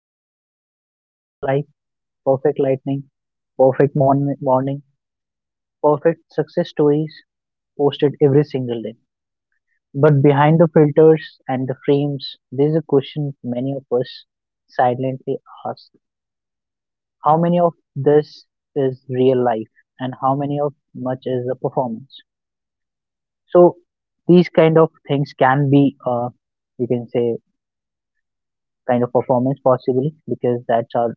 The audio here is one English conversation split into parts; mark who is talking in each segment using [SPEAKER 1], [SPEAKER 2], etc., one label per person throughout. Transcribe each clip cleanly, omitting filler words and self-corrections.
[SPEAKER 1] where you get the perfect life, perfect lightning, perfect morning, perfect success stories posted every single day. But behind the filters and the frames, there's a question many of us silently ask: How many of this is real life and how many of much is a performance? So these kind of things can be, you can say, kind of performance possibly because that's our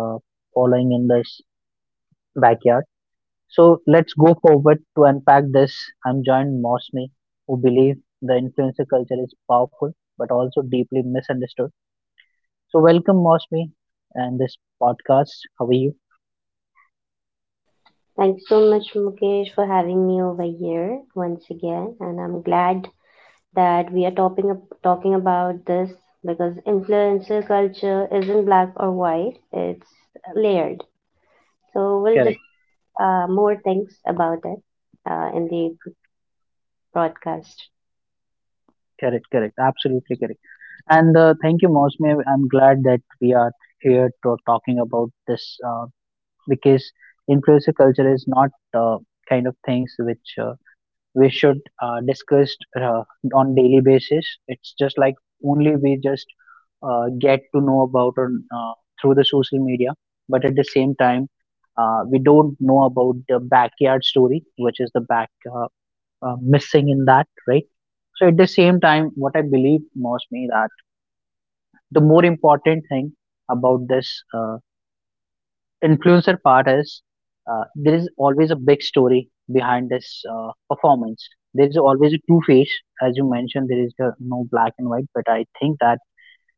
[SPEAKER 1] uh, following in this backyard. So let's go forward to unpack this. I'm joined Mosme, who believe the influencer culture is powerful but also deeply misunderstood. So welcome Mosme and this podcast. How are you?
[SPEAKER 2] Thanks so much, Mukesh, for having me over here once again. And I'm glad that we are topping up, talking about this because influencer culture isn't black or white, it's layered. So we'll
[SPEAKER 1] Correct,
[SPEAKER 2] discuss more things about it in the broadcast.
[SPEAKER 1] correct, correct. Absolutely correct. And thank you, Mosme. I'm glad that we are here to talking about this because influencer culture is not kind of things which we should discuss on daily basis. It's just like only we just get to know about on through the social media, but at the same time, we don't know about the backyard story, which is the back missing in that, right? So at the same time, what I believe, Mosme, that the more important thing about this uh, influencer part is there is always a big story behind this performance. There is always a two face, as you mentioned. There is the no black and white, but I think that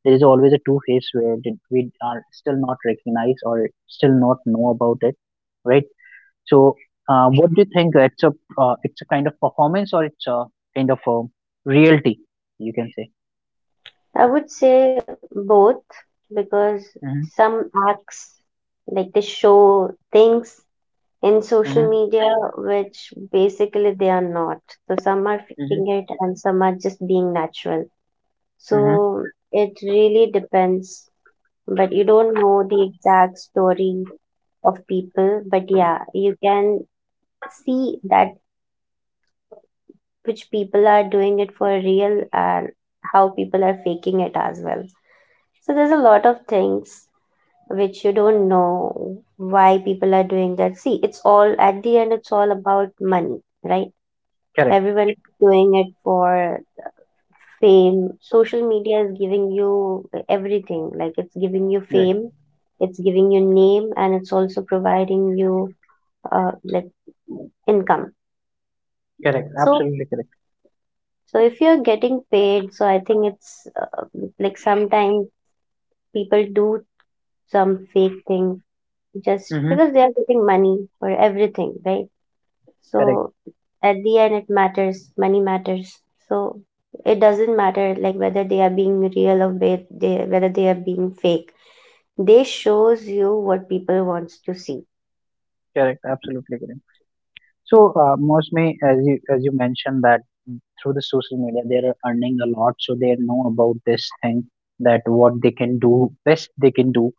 [SPEAKER 1] there is always a two face we are still not recognized or still not know about it, right? So, what do you think? It's a kind of performance or it's a kind of a reality, you can say.
[SPEAKER 2] I would say both because
[SPEAKER 1] Mm-hmm,
[SPEAKER 2] some acts like they show things in social
[SPEAKER 1] mm-hmm,
[SPEAKER 2] media, which basically they are not. So some are
[SPEAKER 1] mm-hmm,
[SPEAKER 2] faking it and some are just being natural.
[SPEAKER 1] mm-hmm.
[SPEAKER 2] So it really depends, but you don't know the exact story of people. But yeah, you can see that which people are doing it for real and how people are faking it as well. So there's a lot of things which you don't know why people are doing that. See, it's all at the end, it's all about money, right?
[SPEAKER 1] Correct.
[SPEAKER 2] Everyone is doing it for fame. Social media is giving you everything. Like it's giving you fame, it's giving you name, and it's also providing you like income.
[SPEAKER 1] Correct.
[SPEAKER 2] So,
[SPEAKER 1] Absolutely correct.
[SPEAKER 2] so if you're getting paid, so I think it's like sometimes people do some fake thing just
[SPEAKER 1] Mm-hmm.
[SPEAKER 2] because they are getting money for everything, right?
[SPEAKER 1] Correct.
[SPEAKER 2] So at the end, it matters. Money matters. So it doesn't matter like whether they are being real or they, whether they are being fake. They shows you what people wants to see.
[SPEAKER 1] Correct. Absolutely correct. So most may as you mentioned that through the social media they are earning a lot, so they know about this thing that what they can do best they can do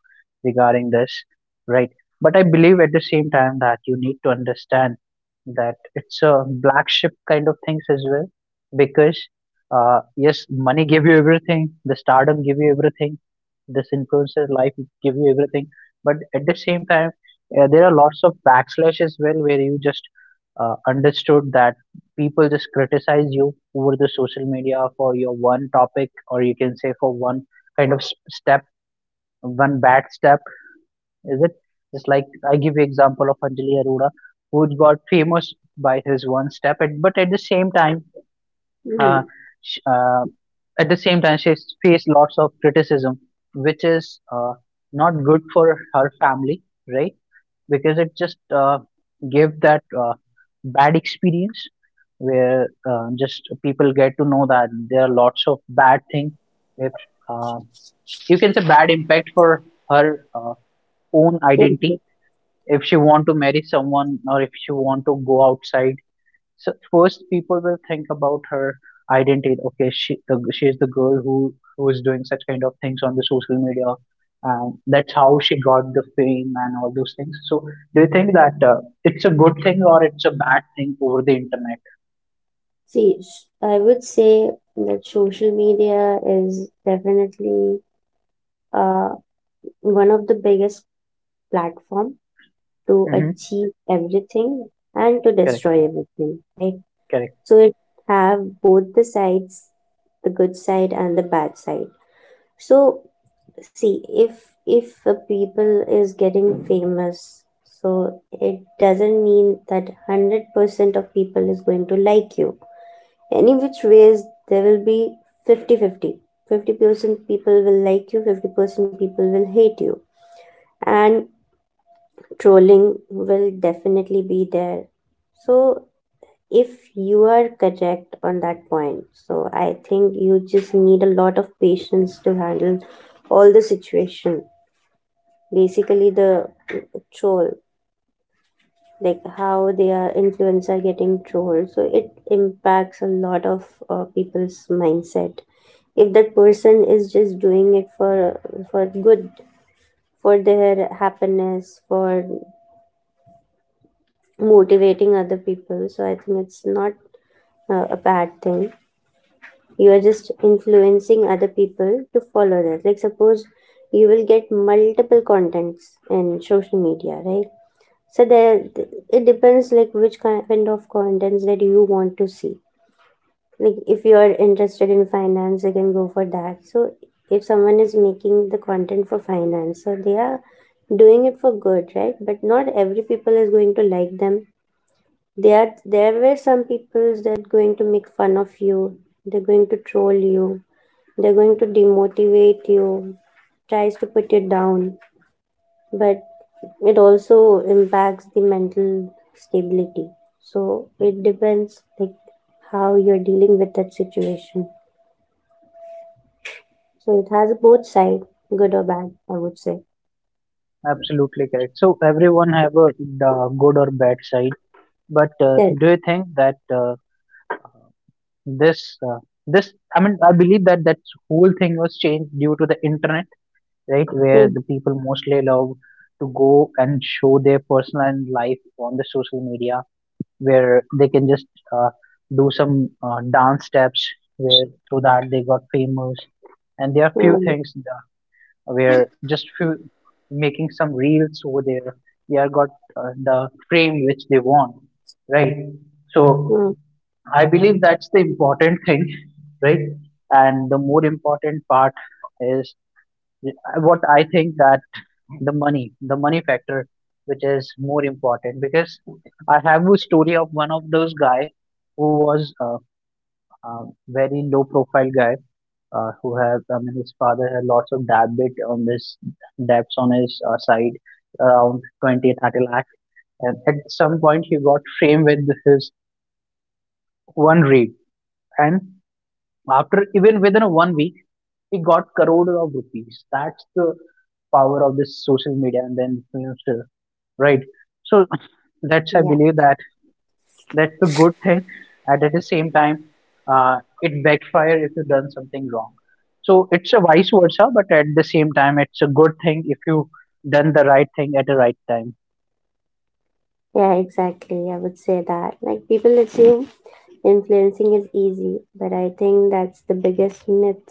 [SPEAKER 1] regarding this, right? But I believe at the same time that you need to understand that it's a black ship kind of things as well, because yes, money give you everything, the stardom give you everything, this influencer life give you everything, but at the same time there are lots of backslash as well where you just understood that people just criticize you over the social media for your one topic or you can say for one kind of step one bad step is it just like I give you example of Anjali Arora who got famous by his one step but at the same time uh,
[SPEAKER 2] Mm.
[SPEAKER 1] sh- uh, at the same time she faced lots of criticism which is not good for her family, right? Because it just gave that bad experience where just people get to know that there are lots of bad things. If uh, you can say bad impact for her own identity,
[SPEAKER 2] Can
[SPEAKER 1] if she want to marry someone or if she want to go outside, so first, people will think about her identity. Okay, she is the girl who is doing such kind of things on the social media, and that's how she got the fame and all those things. So do you think that it's a good thing or it's a bad thing over the internet?
[SPEAKER 2] see, I would say that social media is definitely uh, one of the biggest platform to
[SPEAKER 1] Mm-hmm.
[SPEAKER 2] achieve everything and to
[SPEAKER 1] Correct,
[SPEAKER 2] destroy everything, right?
[SPEAKER 1] correct,
[SPEAKER 2] So it have both the sides, the good side and the bad side. So see, if a people is getting famous, so it doesn't mean that 100% of people is going to like you any which ways. There will be 50 50% people will like you, 50% people will hate you, and trolling will definitely be there. So if you are correct on that point, so I think you just need a lot of patience to handle all the situation, basically the troll. Like how their influence are getting trolled, so it impacts a lot of people's mindset. If that person is just doing it for good, for their happiness, for motivating other people, so I think it's not a bad thing. You are just influencing other people to follow that. Like suppose you will get multiple contents in social media, right? So there it depends like which kind of contents that you want to see. Like if you are interested in finance, you can go for that. So if someone is making the content for finance, so they are doing it for good, right? But not every people is going to like them. They are there were some people that going to make fun of you, they're going to troll you, they're going to demotivate you, tries to put you down. But it also impacts the mental stability. So it depends like how you're dealing with that situation. So it has both side, good or bad, I would say
[SPEAKER 1] absolutely correct. So everyone have a the good or bad side, but
[SPEAKER 2] good.
[SPEAKER 1] do you think that this uh, this I mean I believe that whole thing was changed due to the internet? Right? Where
[SPEAKER 2] mm,
[SPEAKER 1] the people mostly love to go and show their personal and life on the social media, where they can just uh, do some dance steps, where through that they got famous. And there are few
[SPEAKER 2] mm,
[SPEAKER 1] things where just few making some reels over there, they are got the frame which they want, right? So
[SPEAKER 2] mm.
[SPEAKER 1] I believe that's the important thing, right? And the more important part is uh, what I think that the money factor, which is more important because I have a story of one of those guy who was a very low profile guy who had, I mean, his father had lots of debt on this debts on his side around 20, 30 lakh. And at some point he got framed with his one rape. And after even within a one week, he got crore of rupees. That's the power of this social media and then influencer, right? So that's I
[SPEAKER 2] yeah
[SPEAKER 1] believe that that's a good thing, and at the same time, it backfire if you done something wrong. So it's a vice versa, but at the same time, it's a good thing if you done the right thing at the right time.
[SPEAKER 2] yeah, exactly. I would say that like people assume influencing is easy, but I think that's the biggest myth.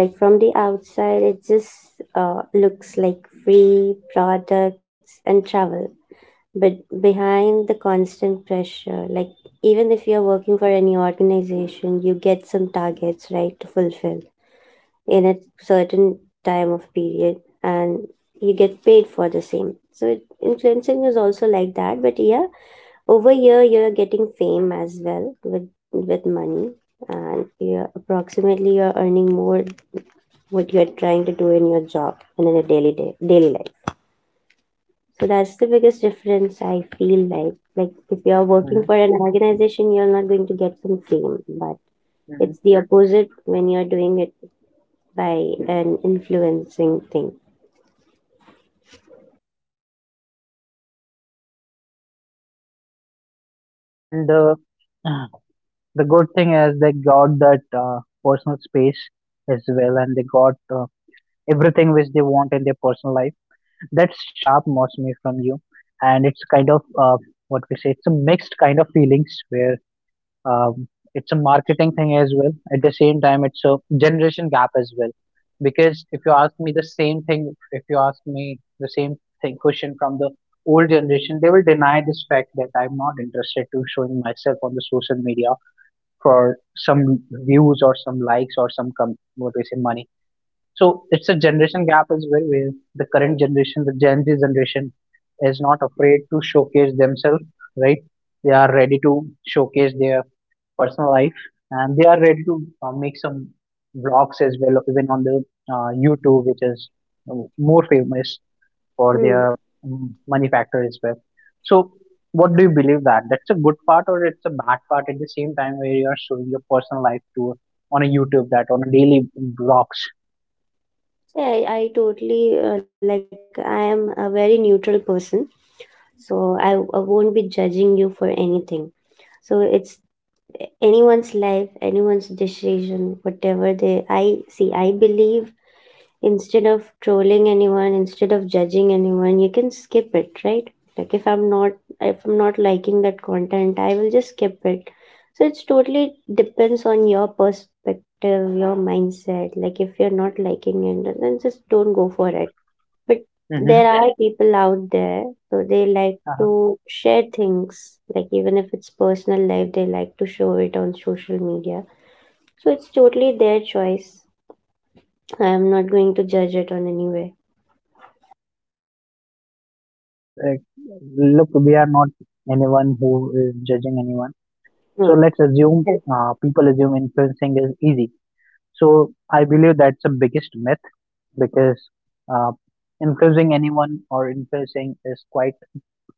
[SPEAKER 2] Like from the outside it just looks like free products and travel. But behind the constant pressure, like even if you're working for any organization, you get some targets, right, to fulfill in a certain time of period, and you get paid for the same. So influencing is also like that. But yeah, over here you're getting fame as well with money, and you're approximately you're earning more what you're trying to do in your job and in your daily day daily life. So that's the biggest difference I feel like. Like if you're working for
[SPEAKER 1] Hmm.
[SPEAKER 2] an organization, you're not going to get some fame, but
[SPEAKER 1] Hmm.
[SPEAKER 2] it's the opposite when you're doing it by an influencing thing.
[SPEAKER 1] And the good thing is they got that personal space as well, and they got uh, everything which they want in their personal life. That's sharp Mosme from you, and it's kind of what we say. It's a mixed kind of feelings where um, it's a marketing thing as well. At the same time, it's a generation gap as well. Because if you ask me the same thing, if you ask me the same thing question from the old generation, they will deny this fact that I'm not interested to showing myself on the social media for some views or some likes or some what we say money. So it's a generation gap as well, where the current generation, the Gen Z generation, is not afraid to showcase themselves, right? They are ready to showcase their personal life and they are ready to make some vlogs as well even on the YouTube which is more famous for
[SPEAKER 2] Hmm.
[SPEAKER 1] their mm, money factor as well. So what do you believe that that's a good part or it's a bad part at the same time where you are showing your personal life to on a YouTube that on a daily vlogs.
[SPEAKER 2] Yeah, I totally like I am a very neutral person, so I won't be judging you for anything. So it's anyone's life, anyone's decision, whatever they. I see. I believe instead of trolling anyone, instead of judging anyone, you can skip it, right? Like if I'm not liking that content, I will just skip it. So it's totally depends on your perspective, your mindset. Like if you're not liking it, then just don't go for it. But there
[SPEAKER 1] Mm-hmm.
[SPEAKER 2] are people out there, so they like
[SPEAKER 1] Uh-huh.
[SPEAKER 2] to share things, like even if it's personal life they like to show it on social media. So it's totally their choice. I am not going to judge it on any way.
[SPEAKER 1] Like, look we are not anyone who is judging anyone, so
[SPEAKER 2] Mm,
[SPEAKER 1] let's assume
[SPEAKER 2] yes,
[SPEAKER 1] people assume influencing is easy, so I believe that's the biggest myth because uh, influencing anyone or influencing is quite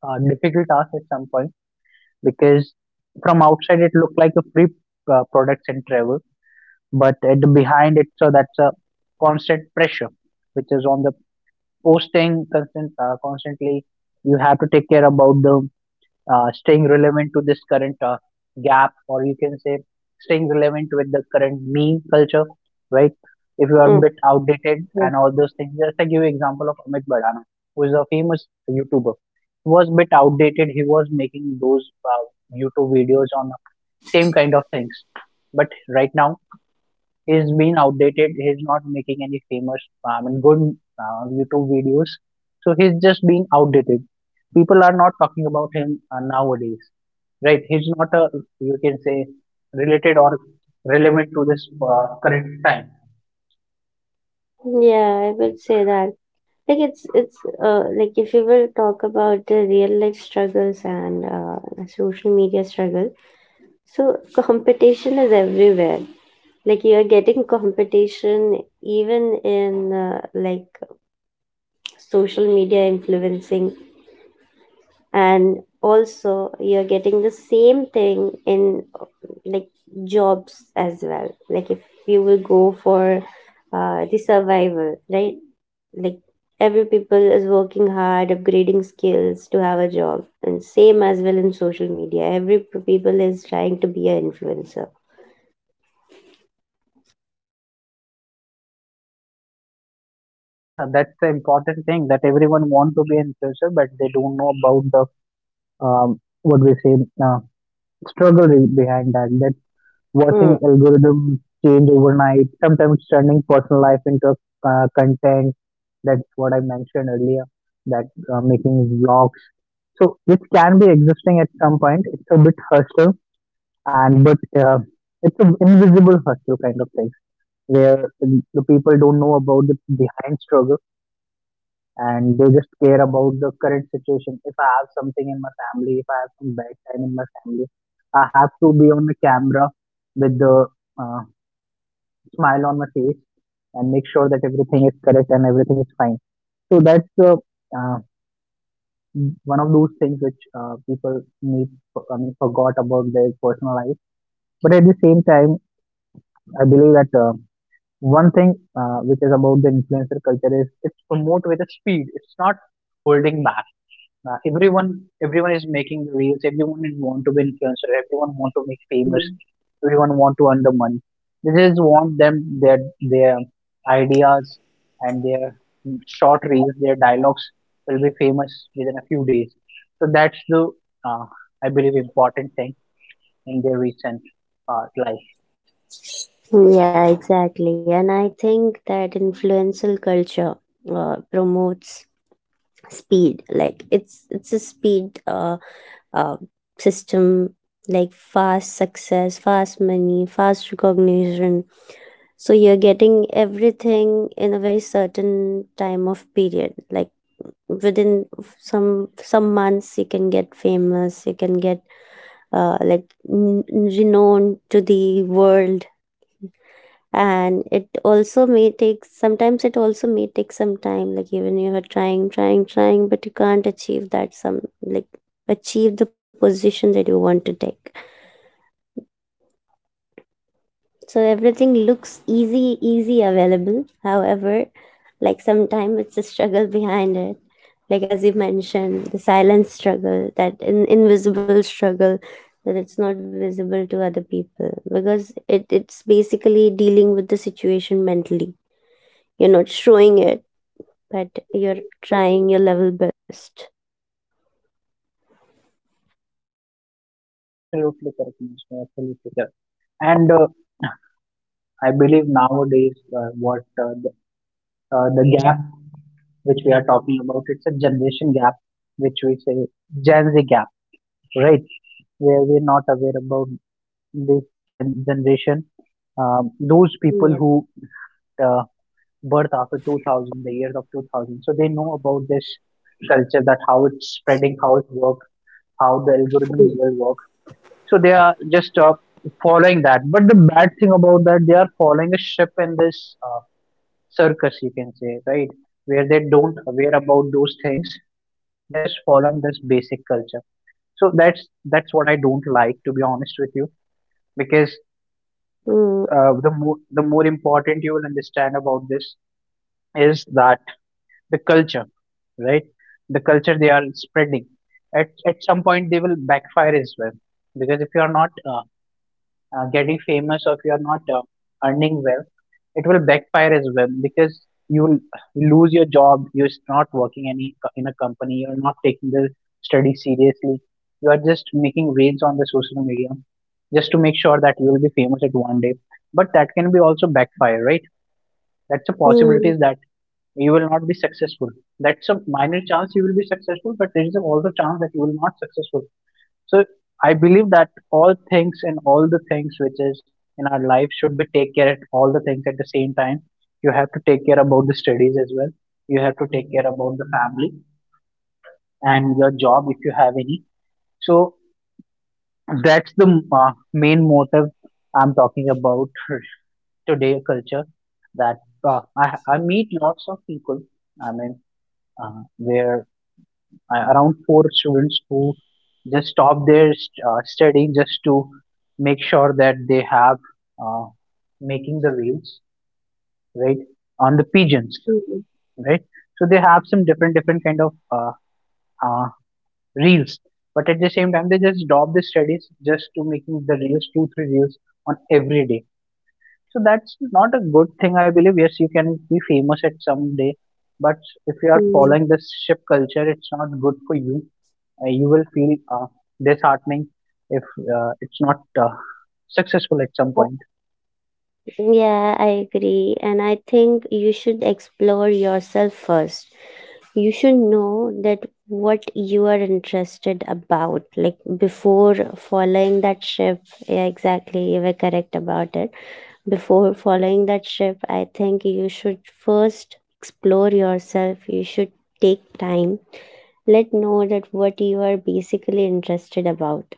[SPEAKER 1] a difficult task at some point because from outside it looked like a free products and travel, but at
[SPEAKER 2] mm,
[SPEAKER 1] the behind it so that's a constant pressure which is on the posting constant constantly you have to take care about the staying relevant to this current gap, or you can say staying relevant with the current meme culture, right? If you are a
[SPEAKER 2] mm.
[SPEAKER 1] bit outdated
[SPEAKER 2] Mm.
[SPEAKER 1] and all those things, just I give you example of Amit Badana, who is a famous YouTuber. He was a bit outdated. He was making those YouTube videos on same kind of things, but right now he's been outdated. He's not making any famous, I mean, good YouTube videos. So he's just being outdated. People are not talking about him nowadays. Right, he's not a you can say related or relevant to this current time.
[SPEAKER 2] Yeah, I would say that. Like it's like if you will talk about the real life struggles and social media struggle, so competition is everywhere. Like you are getting competition even in like social media influencing, and also you're getting the same thing in like jobs as well. Like if you will go for the survival, right? Like every people is working hard upgrading skills to have a job, and same as well in social media every people is trying to be an influencer.
[SPEAKER 1] Yeah, that's the important thing that everyone want to be an influencer, but they don't know about the what we say uh, struggle behind that. That watching
[SPEAKER 2] Hmm.
[SPEAKER 1] algorithm change overnight, sometimes turning personal life into content. That's what I mentioned earlier. That making vlogs, so which can be existing at some point. It's a bit hostile and but it's an invisible hustle kind of thing where the people don't know about the behind struggle and they just care about the current situation. If I have something in my family, if I have some bad time in my family, I have to be on the camera with the uh, smile on my face and make sure that everything is correct and everything is fine. So that's the uh, one of those things which people need, I mean, forgot about their personal life. But at the same time, I believe that one thing which is about the influencer culture is it's promote with a speed. It's not holding back. Everyone is making the reels. Everyone is want to be influencer. Everyone want to make famous.
[SPEAKER 2] Mhm.
[SPEAKER 1] Everyone want to earn the money. They just want them their ideas and their short reels, their dialogues will be famous within a few days. So that's the uh, I believe important thing in their recent life.
[SPEAKER 2] Yeah, exactly. And I think that influential culture promotes speed. Like it's a speed uh, system, like fast success, fast money, fast recognition. So you're getting everything in a very certain time of period. Like within some some months you can get famous, you can get like renowned to the world. And it also may take sometimes, it also may take some time. Like even you are trying trying, but you can't achieve that, some like achieve the position that you want to take. So everything looks easy easy available. However, like sometimes it's a struggle behind it. Like as you mentioned, the silent struggle, that invisible struggle, that it's not visible to other people because it's basically dealing with the situation mentally. You're not showing it, but you're trying your level best.
[SPEAKER 1] Absolutely correct, Mr. Absolutely correct. And I believe nowadays what the gap which we are talking about, it's a generation gap, which we say Gen Z gap, right? Where we're not aware about this generation. Those
[SPEAKER 2] Yeah.
[SPEAKER 1] people who uh, birth after 2000, the year of 2000, so they know about this culture, that how it's spreading, how it works, how the algorithm will work. So they are just following that. But the bad thing about that, they are following a ship in this circus, you can say, right, where they don't aware about those things, they are just following this basic culture. So that's what I don't like, to be honest with you, because
[SPEAKER 2] Mm,
[SPEAKER 1] the more, the more important you will understand about this is that the culture, right, the culture they are spreading, at some point they will backfire as well. Because if you are not getting famous, or if you are not earning well, it will backfire as well, because you will lose your job, you're not working any in a company, you're not taking the study seriously, you are just making reels on the social media, just to make sure that you will be famous at one day. But that can be also backfire, right? That's a possibility,
[SPEAKER 2] mm,
[SPEAKER 1] is that you will not be successful. That's a minor chance you will be successful, but there is a also chance that you will not successful. So I believe that all things, and all the things which is in our life, should be take care of all the things at the same time. You have to take care about the studies as well. You have to take care about the family and your job if you have any. So that's the main motive I'm talking about, today culture, that I meet lots of people. I mean, where around four students who just stop their studying, just to make sure that they have uh, making the reels, right, on the pigeons,
[SPEAKER 2] mm,
[SPEAKER 1] right. So they have some different different kind of uh, reels, but at the same time they just stop the studies just to making the reels, two three reels on every day. So that's not a good thing, I believe. Yes, you can be famous at some day, but if you are
[SPEAKER 2] mm.
[SPEAKER 1] following this ship culture, it's not good for you. You will feel disheartening if it's not successful at some point.
[SPEAKER 2] Yeah, I agree. And I think you should explore yourself first. You should know that what you are interested about, like before following that ship. Yeah, exactly. You were correct about it. Before following that ship, I think you should first explore yourself. You should take time. Let know that what you are basically interested about,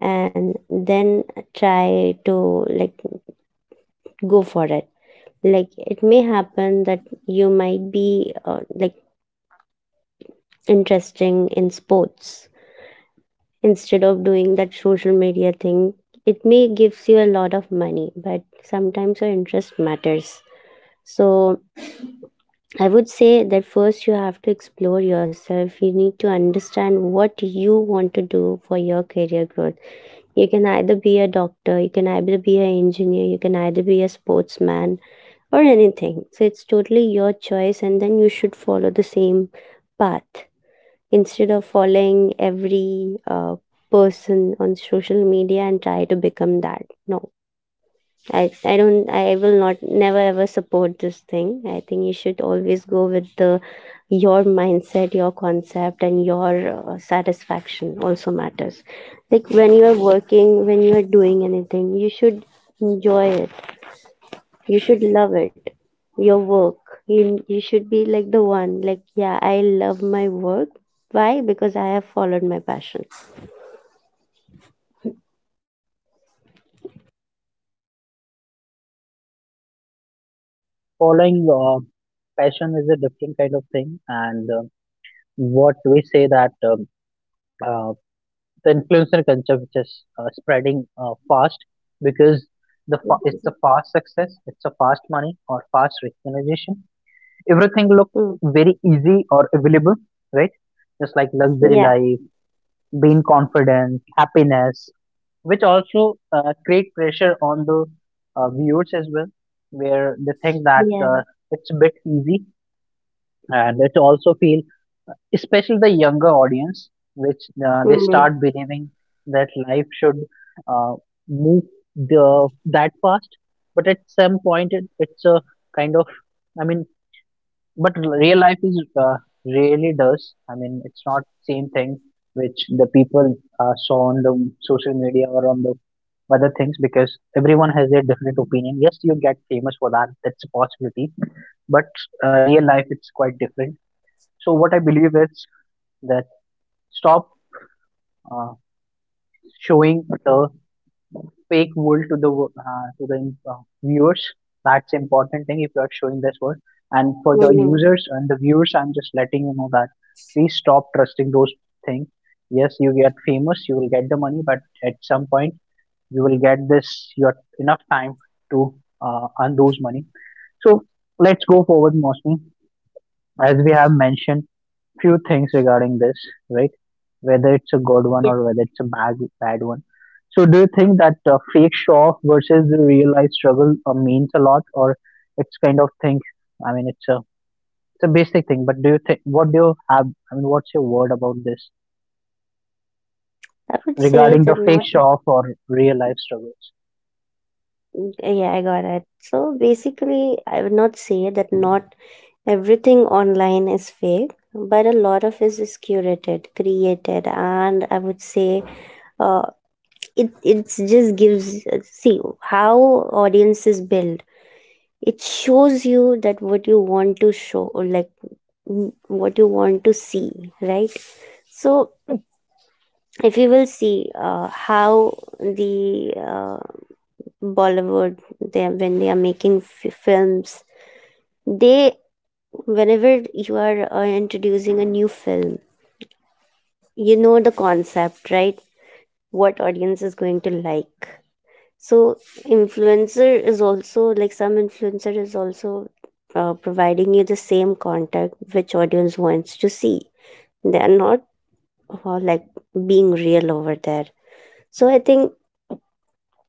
[SPEAKER 2] and then try to like go for it. Like it may happen that you might be like interesting in sports instead of doing that social media thing. It may gives you a lot of money, but sometimes your interest matters. So I would say that first you have to explore yourself. You need to understand what you want to do for your career growth. You can either be a doctor, you can either be an engineer, you can either be a sportsman, or anything. So it's totally your choice, and then you should follow the same path instead of following every person on social media and try to become that. No, I don't, I will not, never ever support this thing. I think you should always go with the your mindset, your concept, and your satisfaction also matters. Like when you are working, when you are doing anything, you should enjoy it, you should love it. Your work. You should be like the one, like, yeah, I love my work. Why? Because I have followed my passion.
[SPEAKER 1] Following passion is a different kind of thing, and what we say, that uh, the influencer culture which is spreading fast, because it's a fast success, it's a fast money or fast recognition. Everything look
[SPEAKER 2] Mm.
[SPEAKER 1] very easy or available, right? Just like
[SPEAKER 2] Yeah,
[SPEAKER 1] luxury life, being confident, happiness, which also create pressure on the viewers as well, where they think that
[SPEAKER 2] yeah.
[SPEAKER 1] it's a bit easy, and it also feel, especially the younger audience, which they
[SPEAKER 2] Mm.
[SPEAKER 1] start believing that life should uh, move the that fast. But at some point, it's a kind of, I mean, but real life is really does. I mean, it's not same thing which the people saw on the social media or on the other things, because everyone has their different opinion. Yes, you get famous for that, that's a possibility, but real life it's quite different. So, what I believe is that stop uh, showing the fake world to the to the viewers. That's important thing if you are showing this world. And for the
[SPEAKER 2] Mm.
[SPEAKER 1] users and the viewers, I'm just letting you know that please stop trusting those things. Yes, you get famous, you will get the money, but at some point you will get this your enough time to earn those money. So let's go forward, mostly, as we have mentioned few things regarding this, right, whether it's a good
[SPEAKER 2] Yeah.
[SPEAKER 1] one or whether it's a bad one. So do you think that fake show off versus the real life struggle means a lot, or it's kind of thing, I mean, it's a basic thing, but do you think, what do you have, I mean, what's your word about this,
[SPEAKER 2] I would say
[SPEAKER 1] regarding the
[SPEAKER 2] that
[SPEAKER 1] fake
[SPEAKER 2] not,
[SPEAKER 1] show off or real life struggles?
[SPEAKER 2] yeah, I got it. So basically, I would not say that not everything online is fake, but a lot of it is curated, created, and I would say uh, it it just gives see how audience is built. It shows you that what you want to show or like mm, what you want to see, right? So if you will see how the Bollywood they are- when they are making films, they whenever you are introducing a new film, you know the concept, right, what audience is going to like. So influencer is also like, some influencer is also providing you the same content which audience wants to see. They are not like being real over there. So I think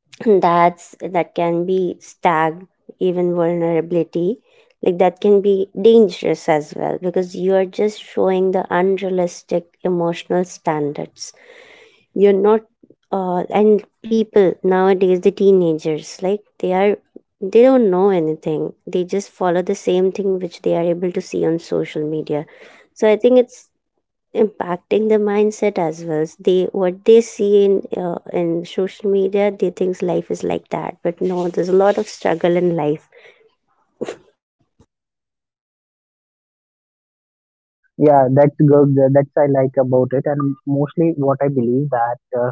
[SPEAKER 2] that's that can be stag even vulnerability. Like that can be dangerous as well because you are just showing the unrealistic emotional standards. You're not and people nowadays the teenagers, like they are, they don't know anything. They just follow the same thing which they are able to see on social media. So I think it's impacting the mindset as well. So they what they see in social media, they think life is like that, but no, there's a lot of struggle in life.
[SPEAKER 1] Yeah, that's good. That's I like about it, and mostly what I believe, that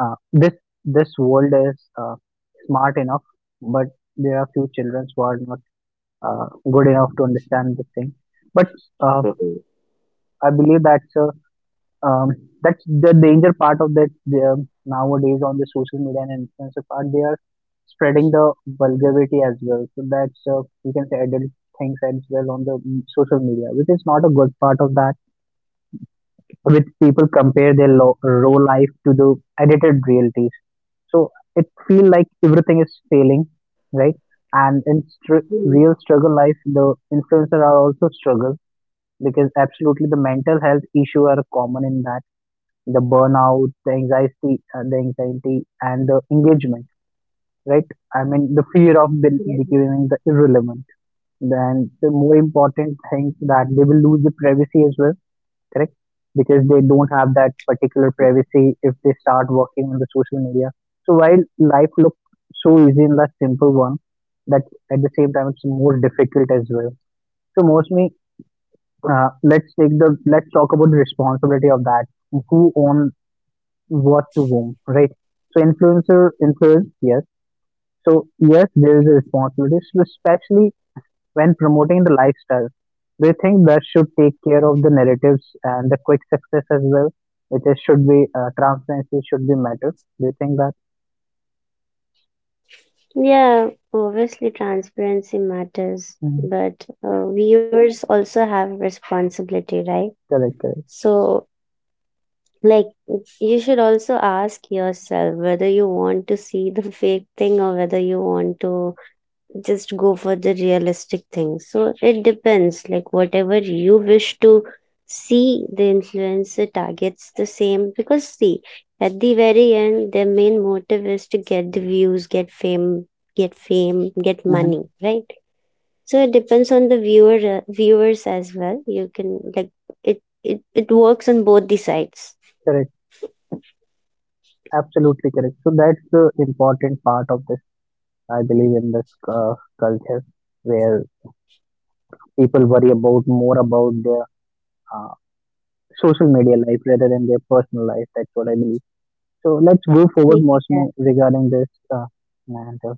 [SPEAKER 1] this this world is smart enough, but there are few children who are not good enough to understand this thing. But uh, I believe um, that's the danger part of that uh, nowadays on the social media and influencer part. They are spreading the vulgarity as well. So that's you can say adult things as well on the mm, social media, which is not a good part of that, which people compare their raw life to the edited realities. So it feel like everything is failing, right? And in real
[SPEAKER 2] Mm,
[SPEAKER 1] struggle life, the influencer are also struggle, because absolutely the mental health issue are common in that, the burnout, the anxiety, and the engagement, right? I mean the fear of
[SPEAKER 2] yes.
[SPEAKER 1] becoming the irrelevant. Then the more important things, that they will lose the privacy as well, correct? Because they don't have that particular privacy if they start working on the social media. So while life looks so easy in that simple one, that at the same time it's more difficult as well. So mostly, let's talk about the responsibility of that. Who owns what to whom, right? So influencer influence, yes. So yes, there is a responsibility, so especially when promoting the lifestyle? Do you think that should take care of the narratives and the quick success as well, which is should be transparency should be matter? Do you think that?
[SPEAKER 2] Yeah, obviously transparency matters,
[SPEAKER 1] Mhm.
[SPEAKER 2] but viewers also have responsibility, right?
[SPEAKER 1] Correct, correct.
[SPEAKER 2] So like, you should also ask yourself whether you want to see the fake thing or whether you want to just go for the realistic thing. So it depends. Like, whatever you wish to see, the influencer targets the same. Because, see, at the very end, their main motive is to get the views, get fame, get fame, get
[SPEAKER 1] Mhm.
[SPEAKER 2] money, right? So it depends on the viewer, viewers as well. You can like it. It works on both the sides.
[SPEAKER 1] Correct. Absolutely correct. So that's the important part of this. I believe in this uh, culture where people worry about more about their uh, social media life rather than their personal life. That's what I believe. So let's go forward, Mosme, regarding this. And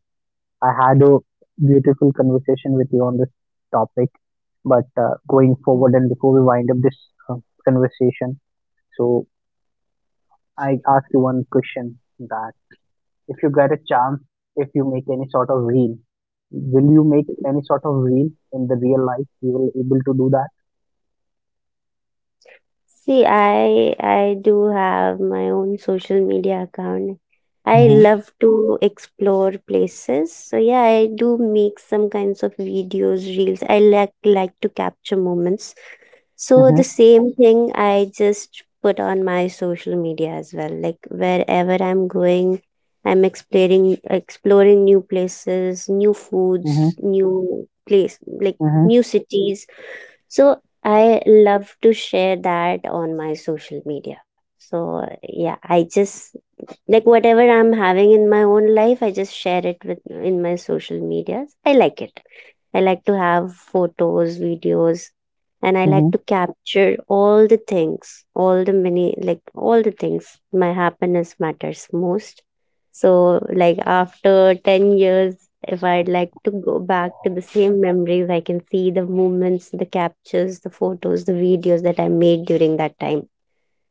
[SPEAKER 1] I had a beautiful conversation with you on this topic. But going forward, and before we wind up this uh, conversation, so I ask you one question, that if you get a chance, if you make any sort of reel, will you make
[SPEAKER 2] Mm.
[SPEAKER 1] any sort of reel in the real life? You will able to do that.
[SPEAKER 2] See, I do have my own social media account. I
[SPEAKER 1] Mm-hmm.
[SPEAKER 2] love to explore places. So yeah, I do make some kinds of videos, reels. I like to capture moments. So
[SPEAKER 1] Mm-hmm.
[SPEAKER 2] the same thing I just put on my social media as well. Like wherever I'm going, I'm exploring new places, new foods,
[SPEAKER 1] Mm-hmm.
[SPEAKER 2] new place like
[SPEAKER 1] Mm-hmm.
[SPEAKER 2] new cities. So I love to share that on my social media. So yeah, I just like whatever I'm having in my own life, I just share it with in my social medias. I like it. I like to have photos, videos, and I
[SPEAKER 1] Mm-hmm.
[SPEAKER 2] like to capture all the things, all the many, like all the things. My happiness matters most. So, like after 10 years, if I'd like to go back to the same memories, I can see the moments, the captures, the photos, the videos that I made during that time.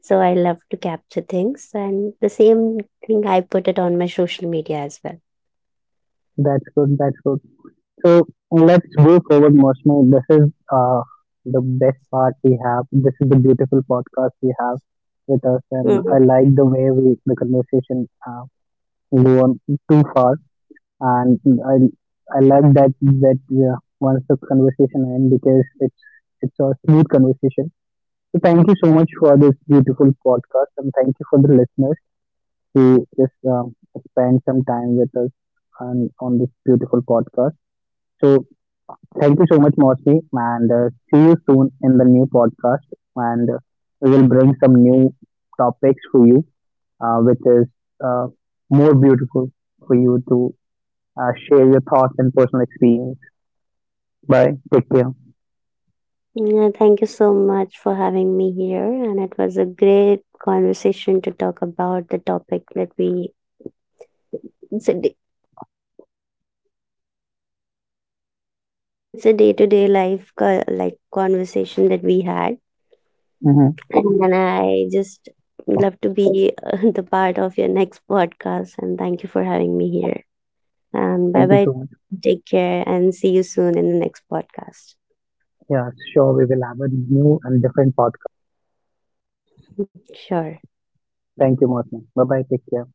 [SPEAKER 2] So, I love to capture things, and the same thing I put it on my social media as well.
[SPEAKER 1] That's good. That's good. So let's go forward, Moshmi. This is the best part we have. This is the beautiful podcast we have with us, and
[SPEAKER 2] Mhm.
[SPEAKER 1] I like the way we the conversation go on too far, and I I like that, that once the conversation ends, because it's a smooth conversation. So thank you so much for this beautiful podcast, and thank you for the listeners who just spend some time with us on this beautiful podcast. So thank you so much, Mosmi, and see you soon in the new podcast. And we will bring some new topics for you, which is uh, more beautiful for you to share your thoughts and personal experience. Bye. Take care.
[SPEAKER 2] Yeah, thank you so much for having me here. And it was a great conversation to talk about the topic that we, it's a, day- it's a day-to-day life like conversation that we had.
[SPEAKER 1] Hmm.
[SPEAKER 2] And I just love to be the part of your next podcast. And thank you for having me here. And bye
[SPEAKER 1] Thank you
[SPEAKER 2] bye.
[SPEAKER 1] so much.
[SPEAKER 2] Take care and see you soon in the next podcast.
[SPEAKER 1] Yeah, sure. We will have a new and different podcast.
[SPEAKER 2] Sure.
[SPEAKER 1] Thank you, Mosmi. Bye bye. Take care.